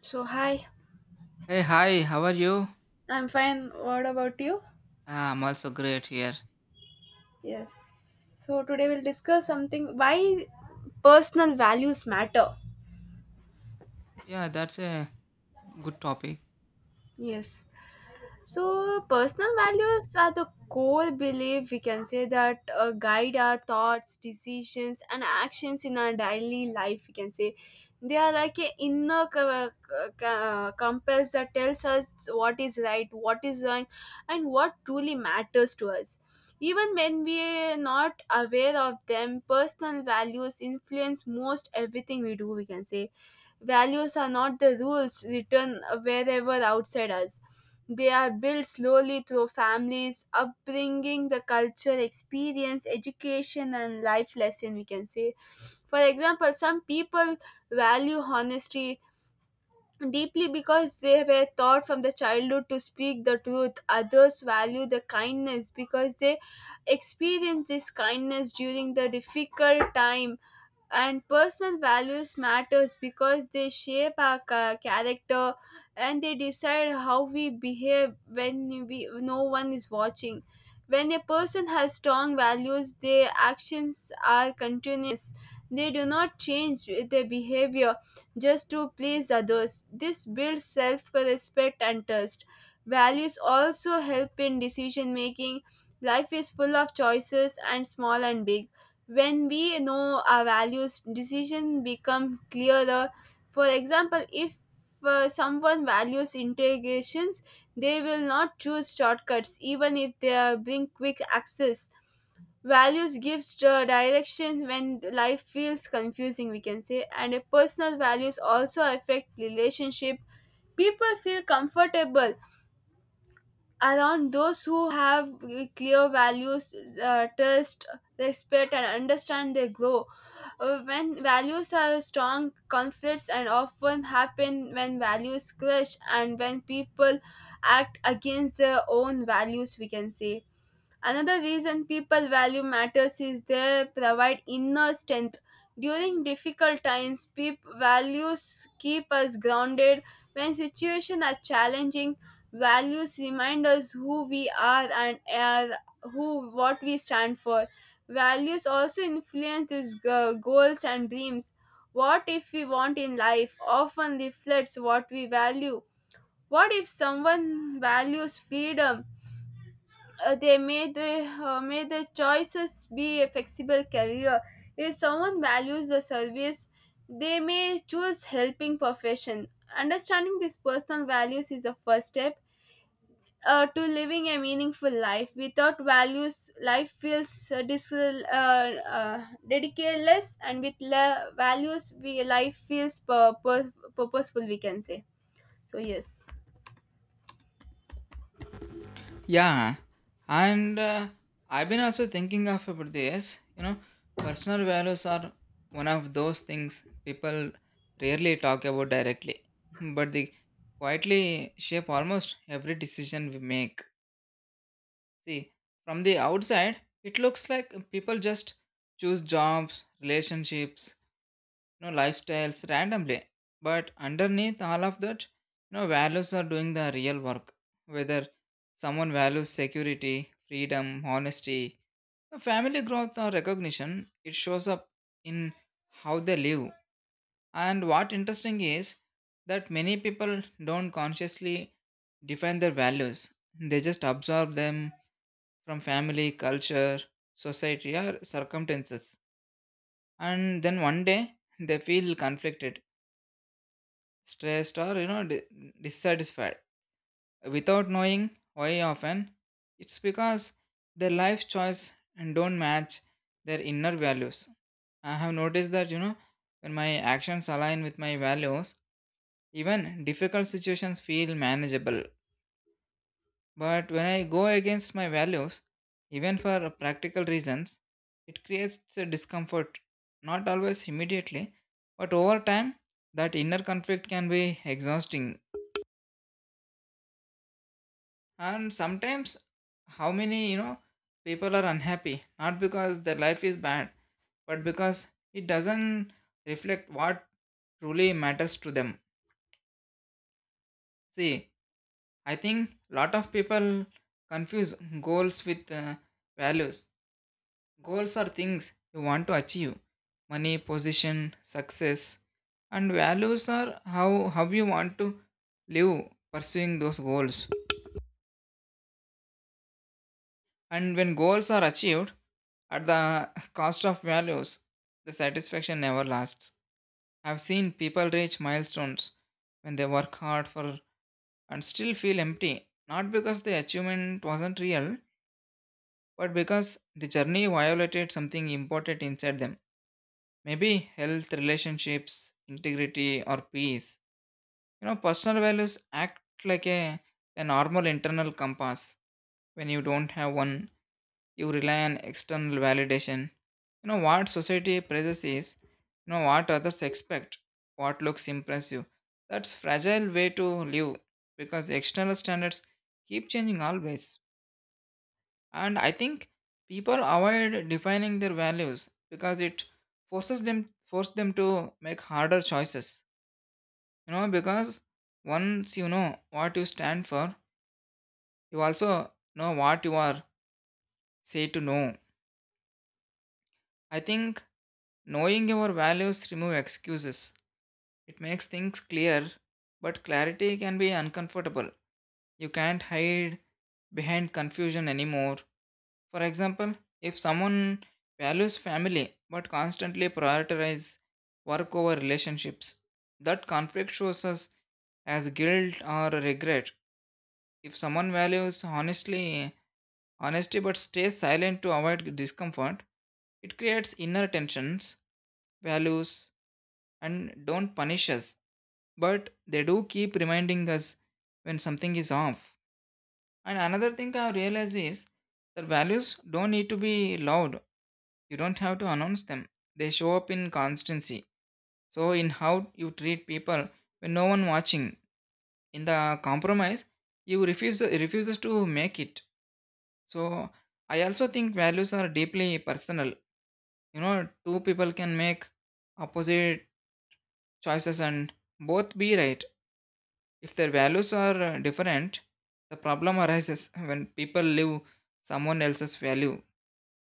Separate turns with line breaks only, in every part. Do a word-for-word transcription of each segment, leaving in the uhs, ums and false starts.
So, hi,
Hey, hi, how are you?
I'm fine. What about you?
Ah, I'm also great here.
Yes. So, today we'll discuss something why personal values matter.
Yeah, that's a good topic.
Yes. So, personal values are the core belief we can say that uh, guide our thoughts, decisions, and actions in our daily life. We can say they are like an inner co- co- co- compass that tells us what is right, what is wrong, and what truly matters to us. Even when we are not aware of them, personal values influence most everything we do, we can say. Values are not the rules written wherever outside us. They are built slowly through families, upbringing, the culture, experience, education, and life lesson, we can say. For example, some people value honesty deeply because they were taught from the childhood to speak the truth. Others value the kindness because they experienced this kindness during the difficult time and personal values matters because they shape our ca- character and they decide how we behave when we no one is watching. When a person has strong values their actions are continuous, they do not change with their behavior just to please others. This builds self-respect and trust. Values also help in decision making. Life is full of choices and small and big. When we know our values decision become clearer. For example, if uh, someone values integrations, they will not choose shortcuts even if they bring quick access. Values gives the direction when life feels confusing we can say, and personal values also affect relationship. People feel comfortable around those who have uh, clear values, uh, trust, respect and understand they grow. uh, When values are strong, conflicts and often happen when values clash and when people act against their own values, we can say. Another reason people value matters is they provide inner strength. During difficult times, peop- values keep us grounded. When situations are challenging, values remind us who we are and are who what we stand for. Values also influence these go- goals and dreams. What if we want in life often reflects what we value. What if someone values freedom, uh, they may the uh, may the choices be a flexible career. If someone values the service they may choose helping profession. Understanding these personal values is the first step uh, to living a meaningful life. Without values life feels uh, dis- uh, uh, ridiculous, and with la- values we life feels pur- pur- purposeful, we can say. So yes.
Yeah, and uh, I've been also thinking of about this. You know, personal values are one of those things people rarely talk about directly, but they quietly shape almost every decision we make. See, from the outside, it looks like people just choose jobs, relationships, you know, lifestyles randomly. But underneath all of that, you know, values are doing the real work. Whether someone values security, freedom, honesty, you family growth or recognition, it shows up in how they live. And what interesting is that many people don't consciously define their values. They just absorb them from family, culture, society, or circumstances. And then one day they feel conflicted stressed or you know di- dissatisfied without knowing why, often it's because their life choice and don't match their inner values. I have noticed that, you know, when my actions align with my values, even difficult situations feel manageable, but when I go against my values, even for practical reasons, it creates a discomfort, not always immediately but over time. That inner conflict can be exhausting, and sometimes how many, you know, people are unhappy not because their life is bad but because it doesn't reflect what truly matters to them. See, I think lot of people confuse goals with uh, values. Goals are things you want to achieve, money, position, success, and values are how how you want to live pursuing those goals. And when goals are achieved at the cost of values, the satisfaction never lasts. I've seen people reach milestones when they work hard for and still feel empty, not because the achievement wasn't real, but because the journey violated something important inside them. Maybe health, relationships, integrity, or peace. You know, personal values act like a, a normal internal compass. When you don't have one, you rely on external validation. You know what society praises is, you know what others expect, what looks impressive. That's fragile way to live because external standards keep changing always. And I think people avoid defining their values because it forces them force them to make harder choices. You know, because once you know what you stand for, you also know what you are say to know. I think knowing your values remove excuses. It makes things clear, but clarity can be uncomfortable. You can't hide behind confusion anymore. For example, if someone values family but constantly prioritizes work over relationships, that conflict shows us as guilt or regret. If someone values honestly honesty but stays silent to avoid discomfort, it creates inner tensions, values and don't punish us but they do keep reminding us when something is off. And another thing I realize is that values don't need to be loud. You don't have to announce them. They show up in constancy, so in how you treat people when no one watching, in the compromise you refuse refuses to make it. So I also think values are deeply personal. You know, two people can make opposite choices and both be right. If their values are uh, different, the problem arises when people live someone else's value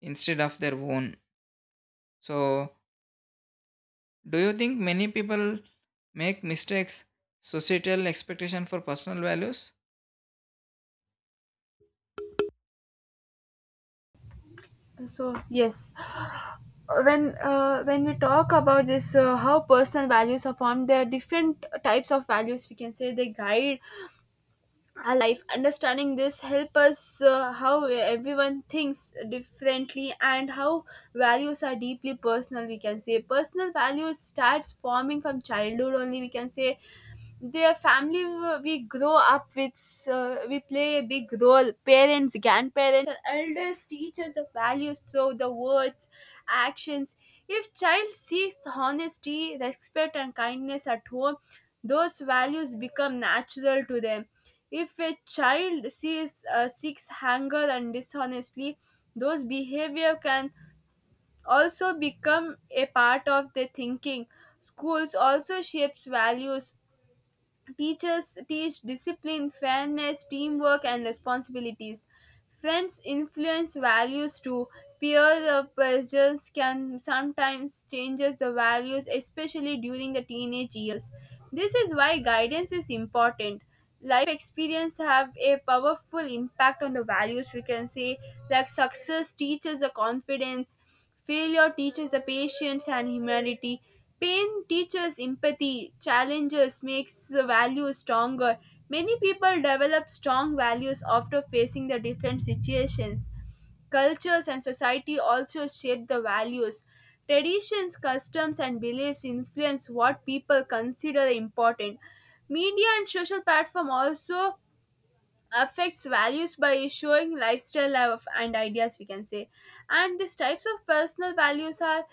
instead of their own. So, do you think many people make mistakes societal expectation for personal values?
So yes, when uh, when we talk about this, uh, how personal values are formed, there are different types of values we can say they guide our life. Understanding this help us uh, how everyone thinks differently and how values are deeply personal, we can say. Personal values starts forming from childhood only, we can say. Their family w- we grow up with, uh, we play a big role. Parents, grandparents and elders teach us the values through the words, actions. If child seeks honesty, respect and kindness at home, those values become natural to them. If a child sees uh, seeks anger and dishonesty, those behavior can also become a part of their thinking. Schools also shapes values. Teachers teach discipline, fairness, teamwork, and responsibilities. Friends influence values too. Peer pressures can sometimes change the values, especially during the teenage years. This is why guidance is important. Life experience have a powerful impact on the values. We can say like success teaches the confidence, failure teaches the patience and humanity. Pain teaches empathy. Challenges makes the values stronger. Many people develop strong values after facing the different situations. Cultures and society also shape the values. Traditions, customs, and beliefs influence what people consider important. Media and social platform also affects values by showing lifestyle of- and ideas we can say. And these types of personal values are,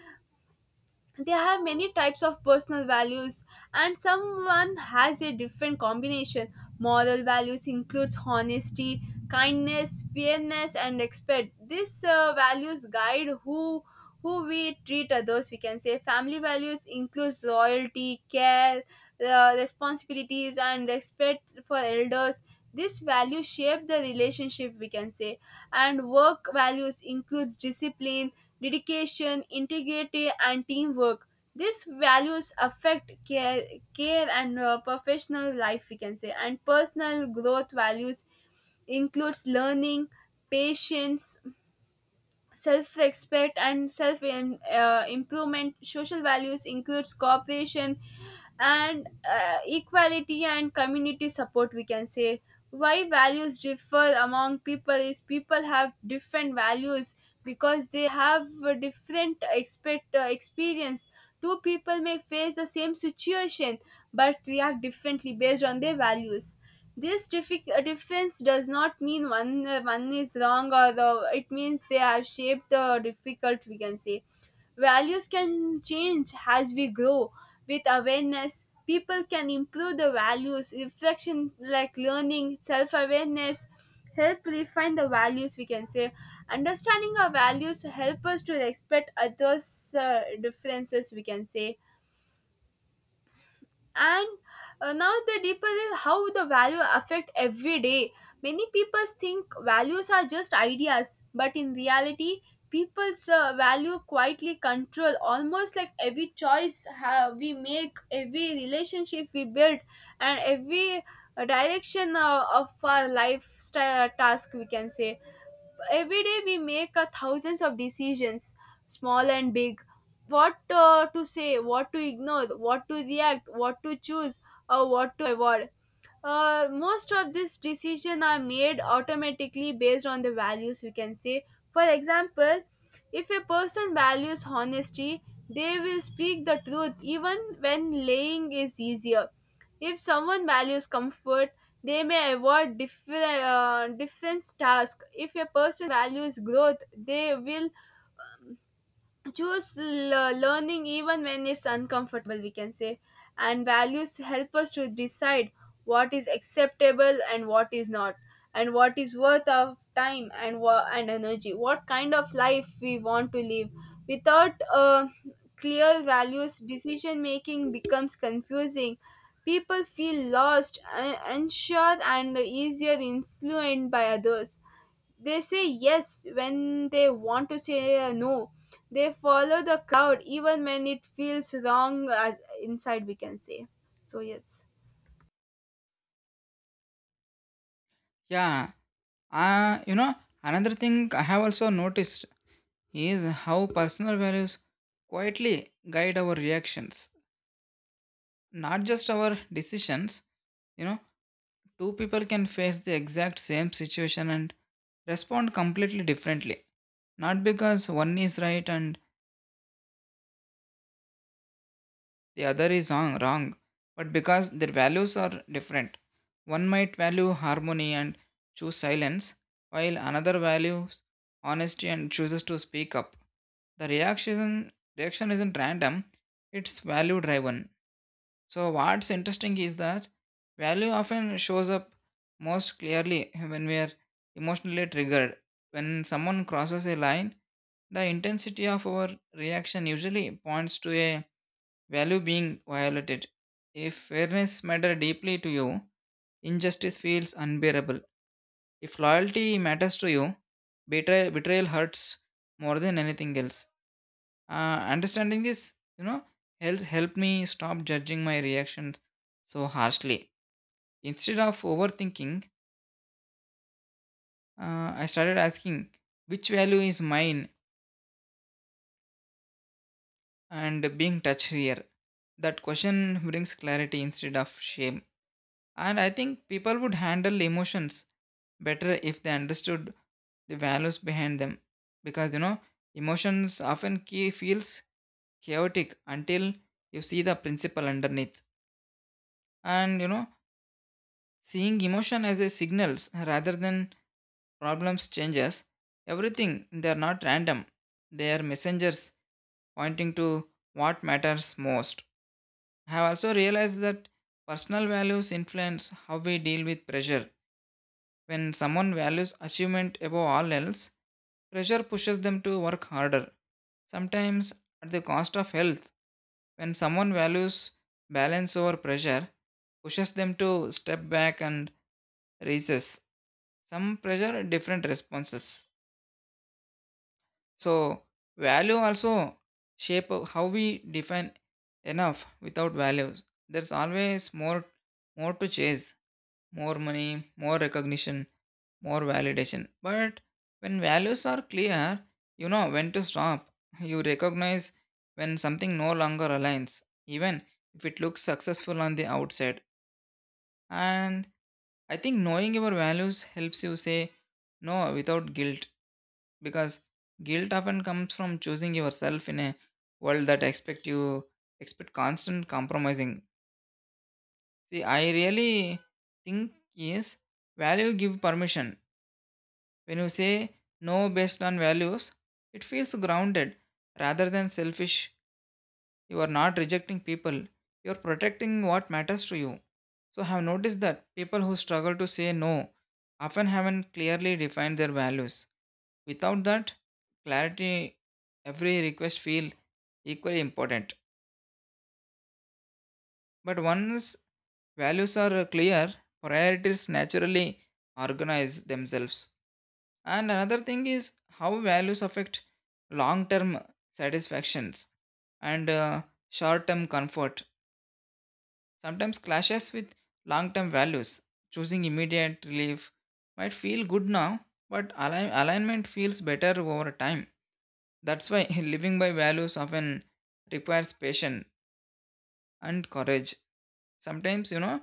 they have many types of personal values and someone has a different combination. Moral values includes honesty, kindness, fairness and respect. These uh, values guide who who we treat others, we can say. Family values includes loyalty, care, uh, responsibilities and respect for elders. This value shape the relationship, we can say. And work values includes discipline, dedication, integrity and teamwork. These values affect care, care and uh, professional life we can say. And personal growth values includes learning, patience, self-respect and self-improvement. Uh, improvement. Social values includes cooperation and uh, equality and community support we can say. Why values differ among people is people have different values because they have a different expect uh, experience. Two people may face the same situation but react differently based on their values. This diffi- uh, difference does not mean one uh, one is wrong, or the it means they have shaped the difficult, we can say. Values can change as we grow with awareness. People can improve the values, reflection like learning, self awareness, help refine the values we can say. Understanding our values help us to respect others' uh, differences we can say. And uh, now the deeper is how the value affect every day. Many people think values are just ideas but in reality people's uh, value quietly control almost like every choice ha- we make, every relationship we build, and every uh, direction uh, of our lifestyle uh, task, we can say. Every day we make a thousands of decisions, small and big. What uh, to say, what to ignore, what to react, what to choose or what to avoid. Uh, most of these decisions are made automatically based on the values we can say. For example, if a person values honesty, they will speak the truth even when lying is easier. If someone values comfort, they may avoid different uh, different tasks. If a person values growth, they will choose l- learning even when it's uncomfortable we can say. And values help us to decide what is acceptable and what is not, and what is worth of time and wa- and energy, what kind of life we want to live. Without uh, clear values decision making becomes confusing. People feel lost, uh, unsure and easier influenced by others. They say yes when they want to say uh, no. They follow the crowd even when it feels wrong uh, inside, we can say. So, yes.
Yeah, uh, you know, another thing I have also noticed is how personal values quietly guide our reactions, not just our decisions. You know, two people can face the exact same situation and respond completely differently. Not because one is right and the other is wrong, wrong, but because their values are different. One might value harmony and choose silence, while another values honesty and chooses to speak up. The reaction, reaction isn't random, it's value driven. So what's interesting is that value often shows up most clearly when we are emotionally triggered. When someone crosses a line, the intensity of our reaction usually points to a value being violated. If fairness matters deeply to you, injustice feels unbearable. If loyalty matters to you, betray- betrayal hurts more than anything else. Uh, understanding this, you know, helps help me stop judging my reactions so harshly. Instead of overthinking, uh, I started asking which value is mine and being touched here. That question brings clarity instead of shame. And I think people would handle emotions better if they understood the values behind them, because, you know, emotions often key feels chaotic until you see the principle underneath. And you know, seeing emotion as a signals rather than problems changes everything. They are not random. They are messengers pointing to what matters most. I have also realized that personal values influence how we deal with pressure. When someone values achievement above all else, pressure pushes them to work harder, sometimes at the cost of health. When someone values balance over pressure, pushes them to step back and recess some pressure different responses. So value also shape of how we define enough. Without values there's always more, more to chase, more money, more recognition, more validation, but when values are clear, you know when to stop. You recognize when something no longer aligns, even if it looks successful on the outside. And I think knowing your values helps you say no without guilt, because guilt often comes from choosing yourself in a world that expect you expect constant compromising. See, I really think is value give permission. When you say no based on values, it feels grounded rather than selfish. You are not rejecting people, you are protecting what matters to you. So I have noticed that people who struggle to say no often haven't clearly defined their values. Without that clarity, every request feels equally important. But once values are clear, priorities naturally organize themselves. And another thing is how values affect long term satisfactions, and short term comfort sometimes clashes with long term values. Choosing immediate relief might feel good now, but align- alignment feels better over time. That's why living by values often requires patience and courage. Sometimes, you know,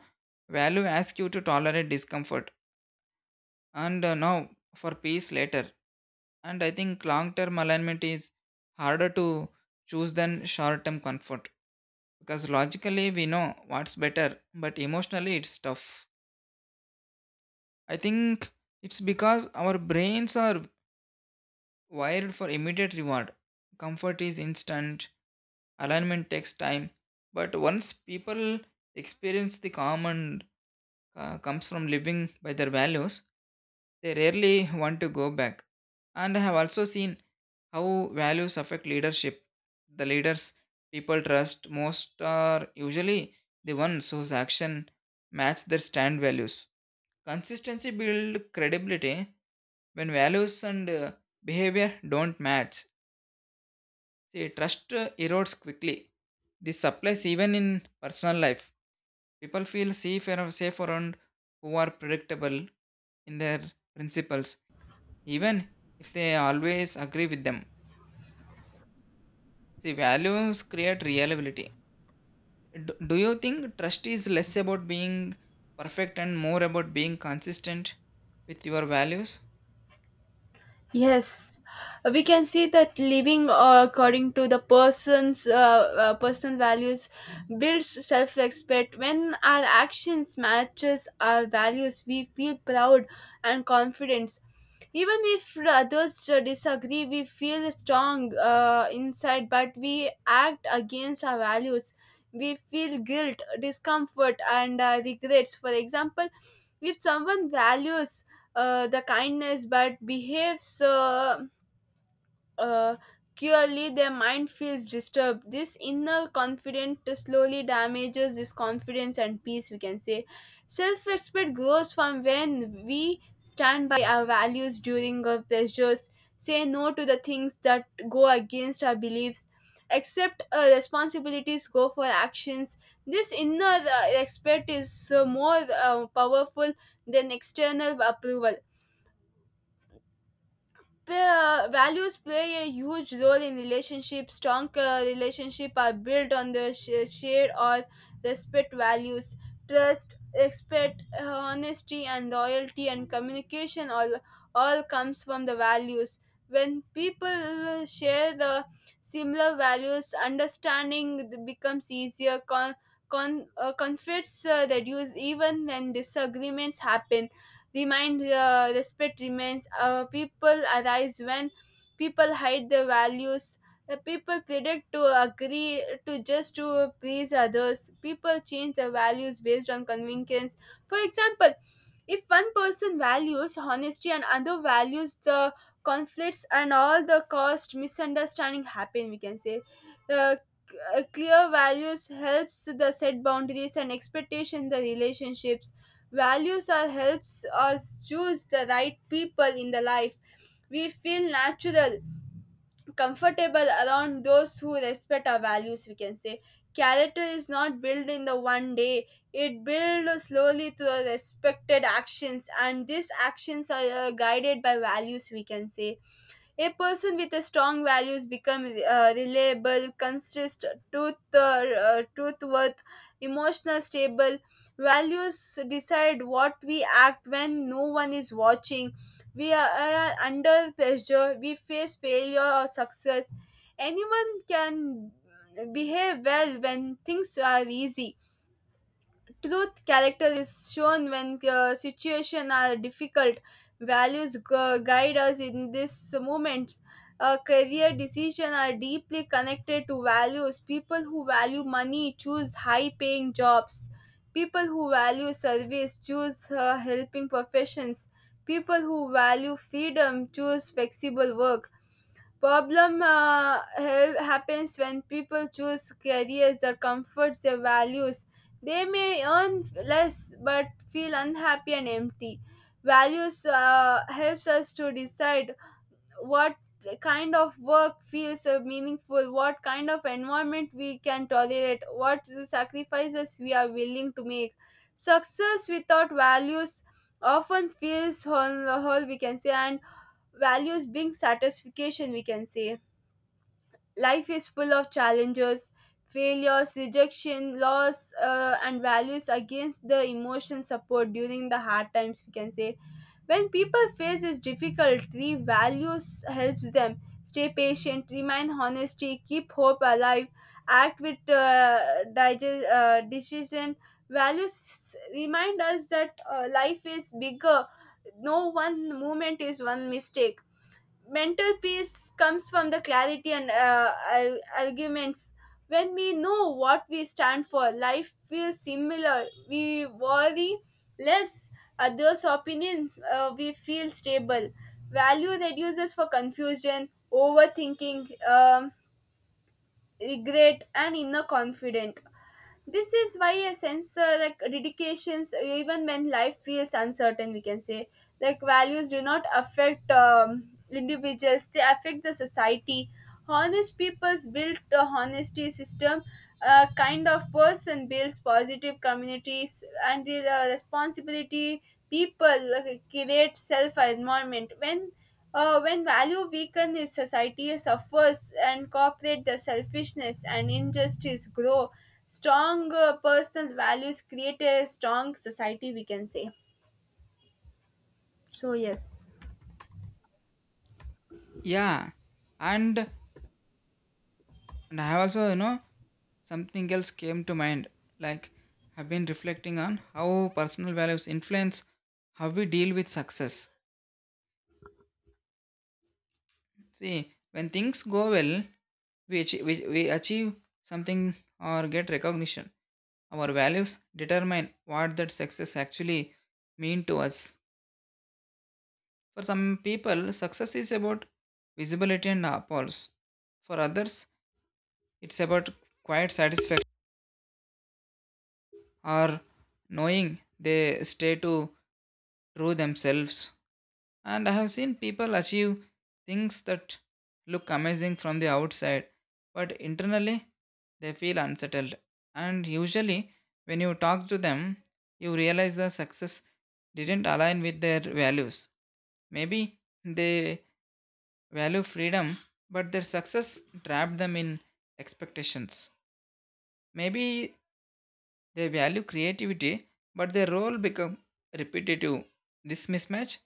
value asks you to tolerate discomfort and uh, now for peace later. And I think long term alignment is harder to choose than short term comfort because logically we know what's better, but emotionally it's tough. I think it's because our brains are wired for immediate reward. Comfort is instant, alignment takes time. But once people experience the calm and uh, comes from living by their values, they rarely want to go back. And I have also seen how values affect leadership. The leaders people trust most are usually the ones whose action match their stand values. Consistency builds credibility when values and uh, behavior don't match. See, trust uh, erodes quickly. This applies even in personal life. People feel safe around, safe around who are predictable in their principles, even if they always agree with them. See, values create reliability. Do, do you think trust is less about being perfect and more about being consistent with your values?
Yes, we can see that living uh, according to the person's uh, uh, personal values builds self-respect. When our actions matches our values, we feel proud and confidence. Even if others uh, disagree, we feel strong uh, inside, but we act against our values. We feel guilt, discomfort, and uh, regrets. For example, if someone values uh, the kindness but behaves uh, uh, cruelly, their mind feels disturbed. This inner confidence slowly damages this confidence and peace, we can say. Self respect grows from when we stand by our values during our pleasures, say no to the things that go against our beliefs. Accept uh, responsibilities, go for actions. This inner uh, respect is uh, more uh, powerful than external approval. Pa- values play a huge role in relationships. Strong uh, relationships are built on the sh- shared or respect values. Trust, respect, uh, honesty, and loyalty, and communication all all comes from the values. When people share the similar values, understanding becomes easier. Con- con- uh, conflicts uh, reduce even when disagreements happen, remind uh, respect remains uh, people arise when people hide their values. The people predict to agree to just to please others. People change their values based on convenience. For example, if one person values honesty and other values the conflicts and all the cost misunderstanding happen we can say. uh, c- uh, Clear values helps the set boundaries and expectation the relationships. Values are helps us choose the right people in the life. We feel natural, comfortable around those who respect our values, we can say. Character is not built in the one day. It builds slowly through respected actions and these actions are uh, guided by values, we can say. A person with a strong values become uh, reliable, consistent, truth, uh, uh, truth worth, emotional, stable. Values decide what we act when no one is watching. We are, are under pressure. We face failure or success. Anyone can behave well when things are easy. Truth character is shown when uh, situations are difficult. Values gu- guide us in this moment. Uh, career decisions are deeply connected to values. People who value money choose high paying jobs. People who value service choose uh, helping professions. People who value freedom choose flexible work. Problem uh, hel- happens when people choose careers that comforts their values. They may earn less but feel unhappy and empty. Values uh, helps us to decide what kind of work feels uh, meaningful, what kind of environment we can tolerate, what sacrifices we are willing to make. Success without values often feels whole, whole we can say, and values being satisfaction we can say. Life is full of challenges, failures, rejection, loss, uh, and values against the emotion support during the hard times. We can say when people face this difficulty, values helps them stay patient, remain honesty, keep hope alive, act with uh, digest, uh, decision. Values remind us that uh, life is bigger. No one moment is one mistake. Mental peace comes from the clarity and uh, ar- arguments. When we know what we stand for life feels similar we worry less others opinion, uh, we feel stable. Value reduces for confusion, overthinking, um, regret and inner confidence. This is why a sense uh, like dedications even when life feels uncertain we can say. Like values do not affect um, individuals, they affect the society. Honest people's build a honesty system. A kind of person builds positive communities and the uh, responsibility people like, create self environment when uh, when value weaken is society suffers and corporate the selfishness and injustice grow. Strong uh, personal values create a strong society we can say. So yes.
Yeah, and And I have also, you know, something else came to mind. Like, I've been reflecting on how personal values influence how we deal with success. See, when things go well, we achieve, we, we achieve something or get recognition. Our values determine what that success actually mean to us. For some people, success is about visibility and applause. For others, it's about quiet satisfaction, or knowing they stay to true themselves. And I have seen people achieve things that look amazing from the outside, but internally they feel unsettled. And usually, when you talk to them, you realize the success didn't align with their values. Maybe they value freedom, but their success trapped them in expectations. Maybe they value creativity, but their role becomes repetitive. This mismatch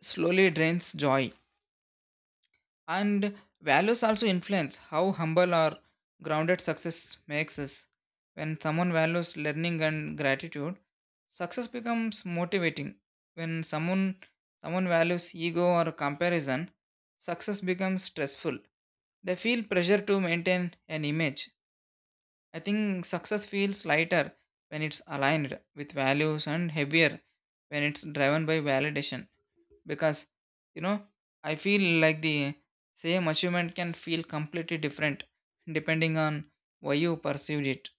slowly drains joy. And values also influence how humble or grounded success makes us. When someone values learning and gratitude, success becomes motivating. When someone someone values ego or comparison, success becomes stressful. They feel pressure to maintain an image. I think success feels lighter when it's aligned with values and heavier when it's driven by validation. Because, you know, I feel like the same achievement can feel completely different depending on why you perceived it.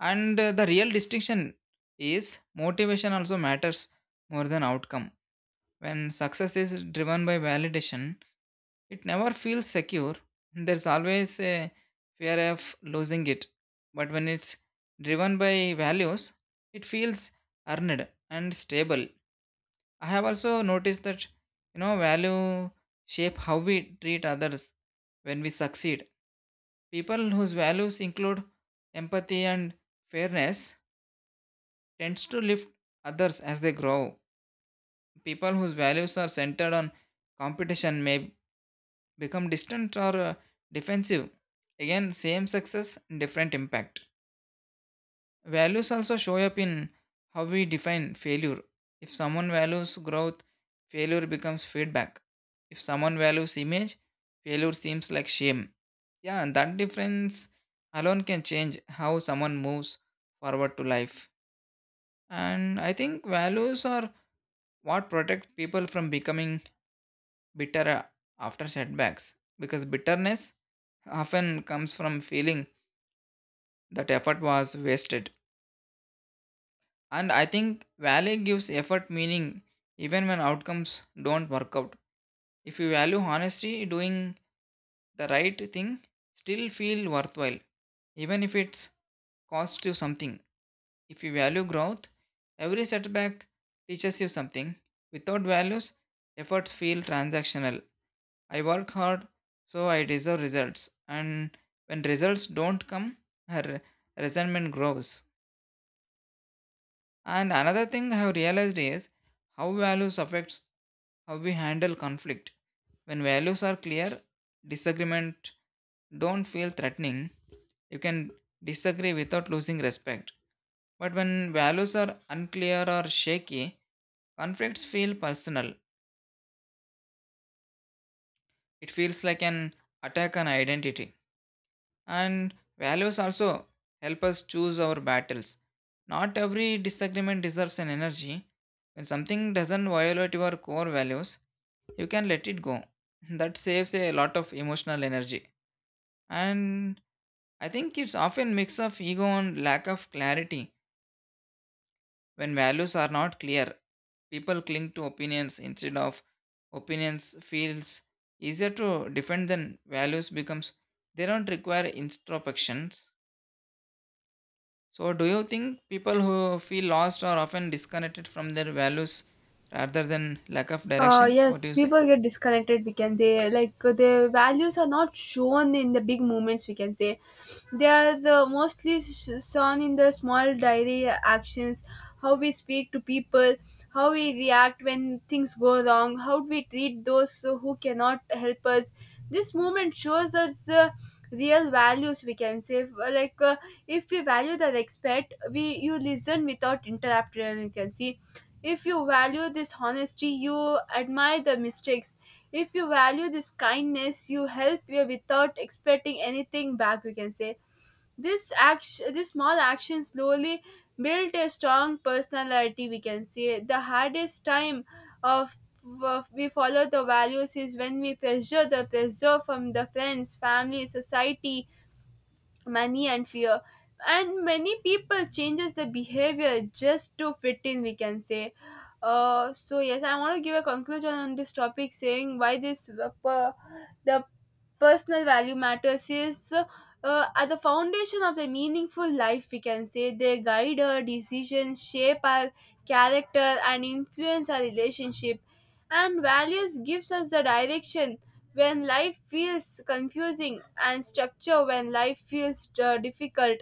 And uh, the real distinction is motivation also matters more than outcome. When success is driven by validation, it never feels secure. There's always a fear of losing it. But when it's driven by values, it feels earned and stable. I have also noticed that, you know, value shape how we treat others when we succeed. People whose values include empathy and fairness tends to lift others as they grow. People whose values are centered on competition may become distant or uh, defensive. Again, same success, different impact. Values also show up in how we define failure. If someone values growth, failure becomes feedback. If someone values image, failure seems like shame. Yeah, and that difference alone can change how someone moves forward to life. And I think values are what protect people from becoming bitter uh, after setbacks, because bitterness often comes from feeling that effort was wasted. And I think value gives effort meaning even when outcomes don't work out. If you value honesty, doing the right thing still feel worthwhile, even if it's cost you something. If you value growth, every setback teaches you something. Without values, efforts feel transactional. I work hard, so I deserve results. And when results don't come, her resentment grows. And another thing I have realized is how values affects how we handle conflict. When values are clear, disagreement don't feel threatening. You can disagree without losing respect. But when values are unclear or shaky, conflicts feel personal. It feels like an attack on identity. And values also help us choose our battles. Not every disagreement deserves an energy. When something doesn't violate your core values, you can let it go. That saves a lot of emotional energy. And I think it's often mix of ego and lack of clarity. When values are not clear, people cling to opinions instead of opinions feels easier to defend than values becomes they don't require introspections. So, do you think people who feel lost are often disconnected from their values rather than lack of
Uh,
direction? What do
yes,
you say?
people get disconnected. We can say like uh, their values are not shown in the big moments. We can say they are the mostly sh- shown in the small daily actions. How we speak to people, how we react when things go wrong, how we treat those who cannot help us. This moment shows us the real values. We can say like uh, if we value the respect, we you listen without interrupting. You can see if you value this honesty, you admire the mistakes. If you value this kindness, you help you without expecting anything back, we can say. This action, this small action slowly built a strong personality, we can say. The hardest time of of we follow the values is when we pressure the pressure from the friends, family, society, money and fear. And many people changes their behavior just to fit in we can say. Uh, so yes, I want to give a conclusion on this topic saying why this uh, per- the personal value matters is uh, at the foundation of the meaningful life we can say. They guide our decisions, shape our character and influence our relationship. And values gives us the direction when life feels confusing, and structure when life feels uh, difficult.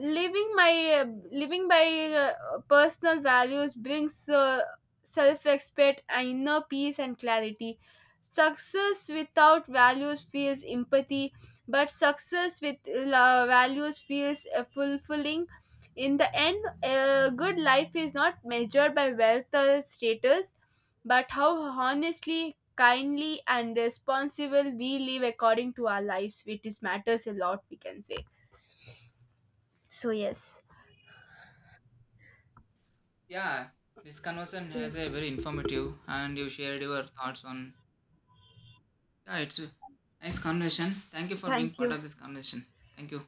living my uh, Living by uh, personal values brings uh, self-respect and inner peace and clarity. Success without values feels empathy, but success with uh, values feels uh, fulfilling. In the end a good life is not measured by wealth or status, but how honestly, kindly and responsible we live according to our lives it is matters a lot, we can say. So, yes.
Yeah, this conversation has a
Yes.
very informative, and you shared your thoughts on. Yeah, it's a nice conversation. Thank you for being
Thank
part
you.
of
So
this conversation. Thank you.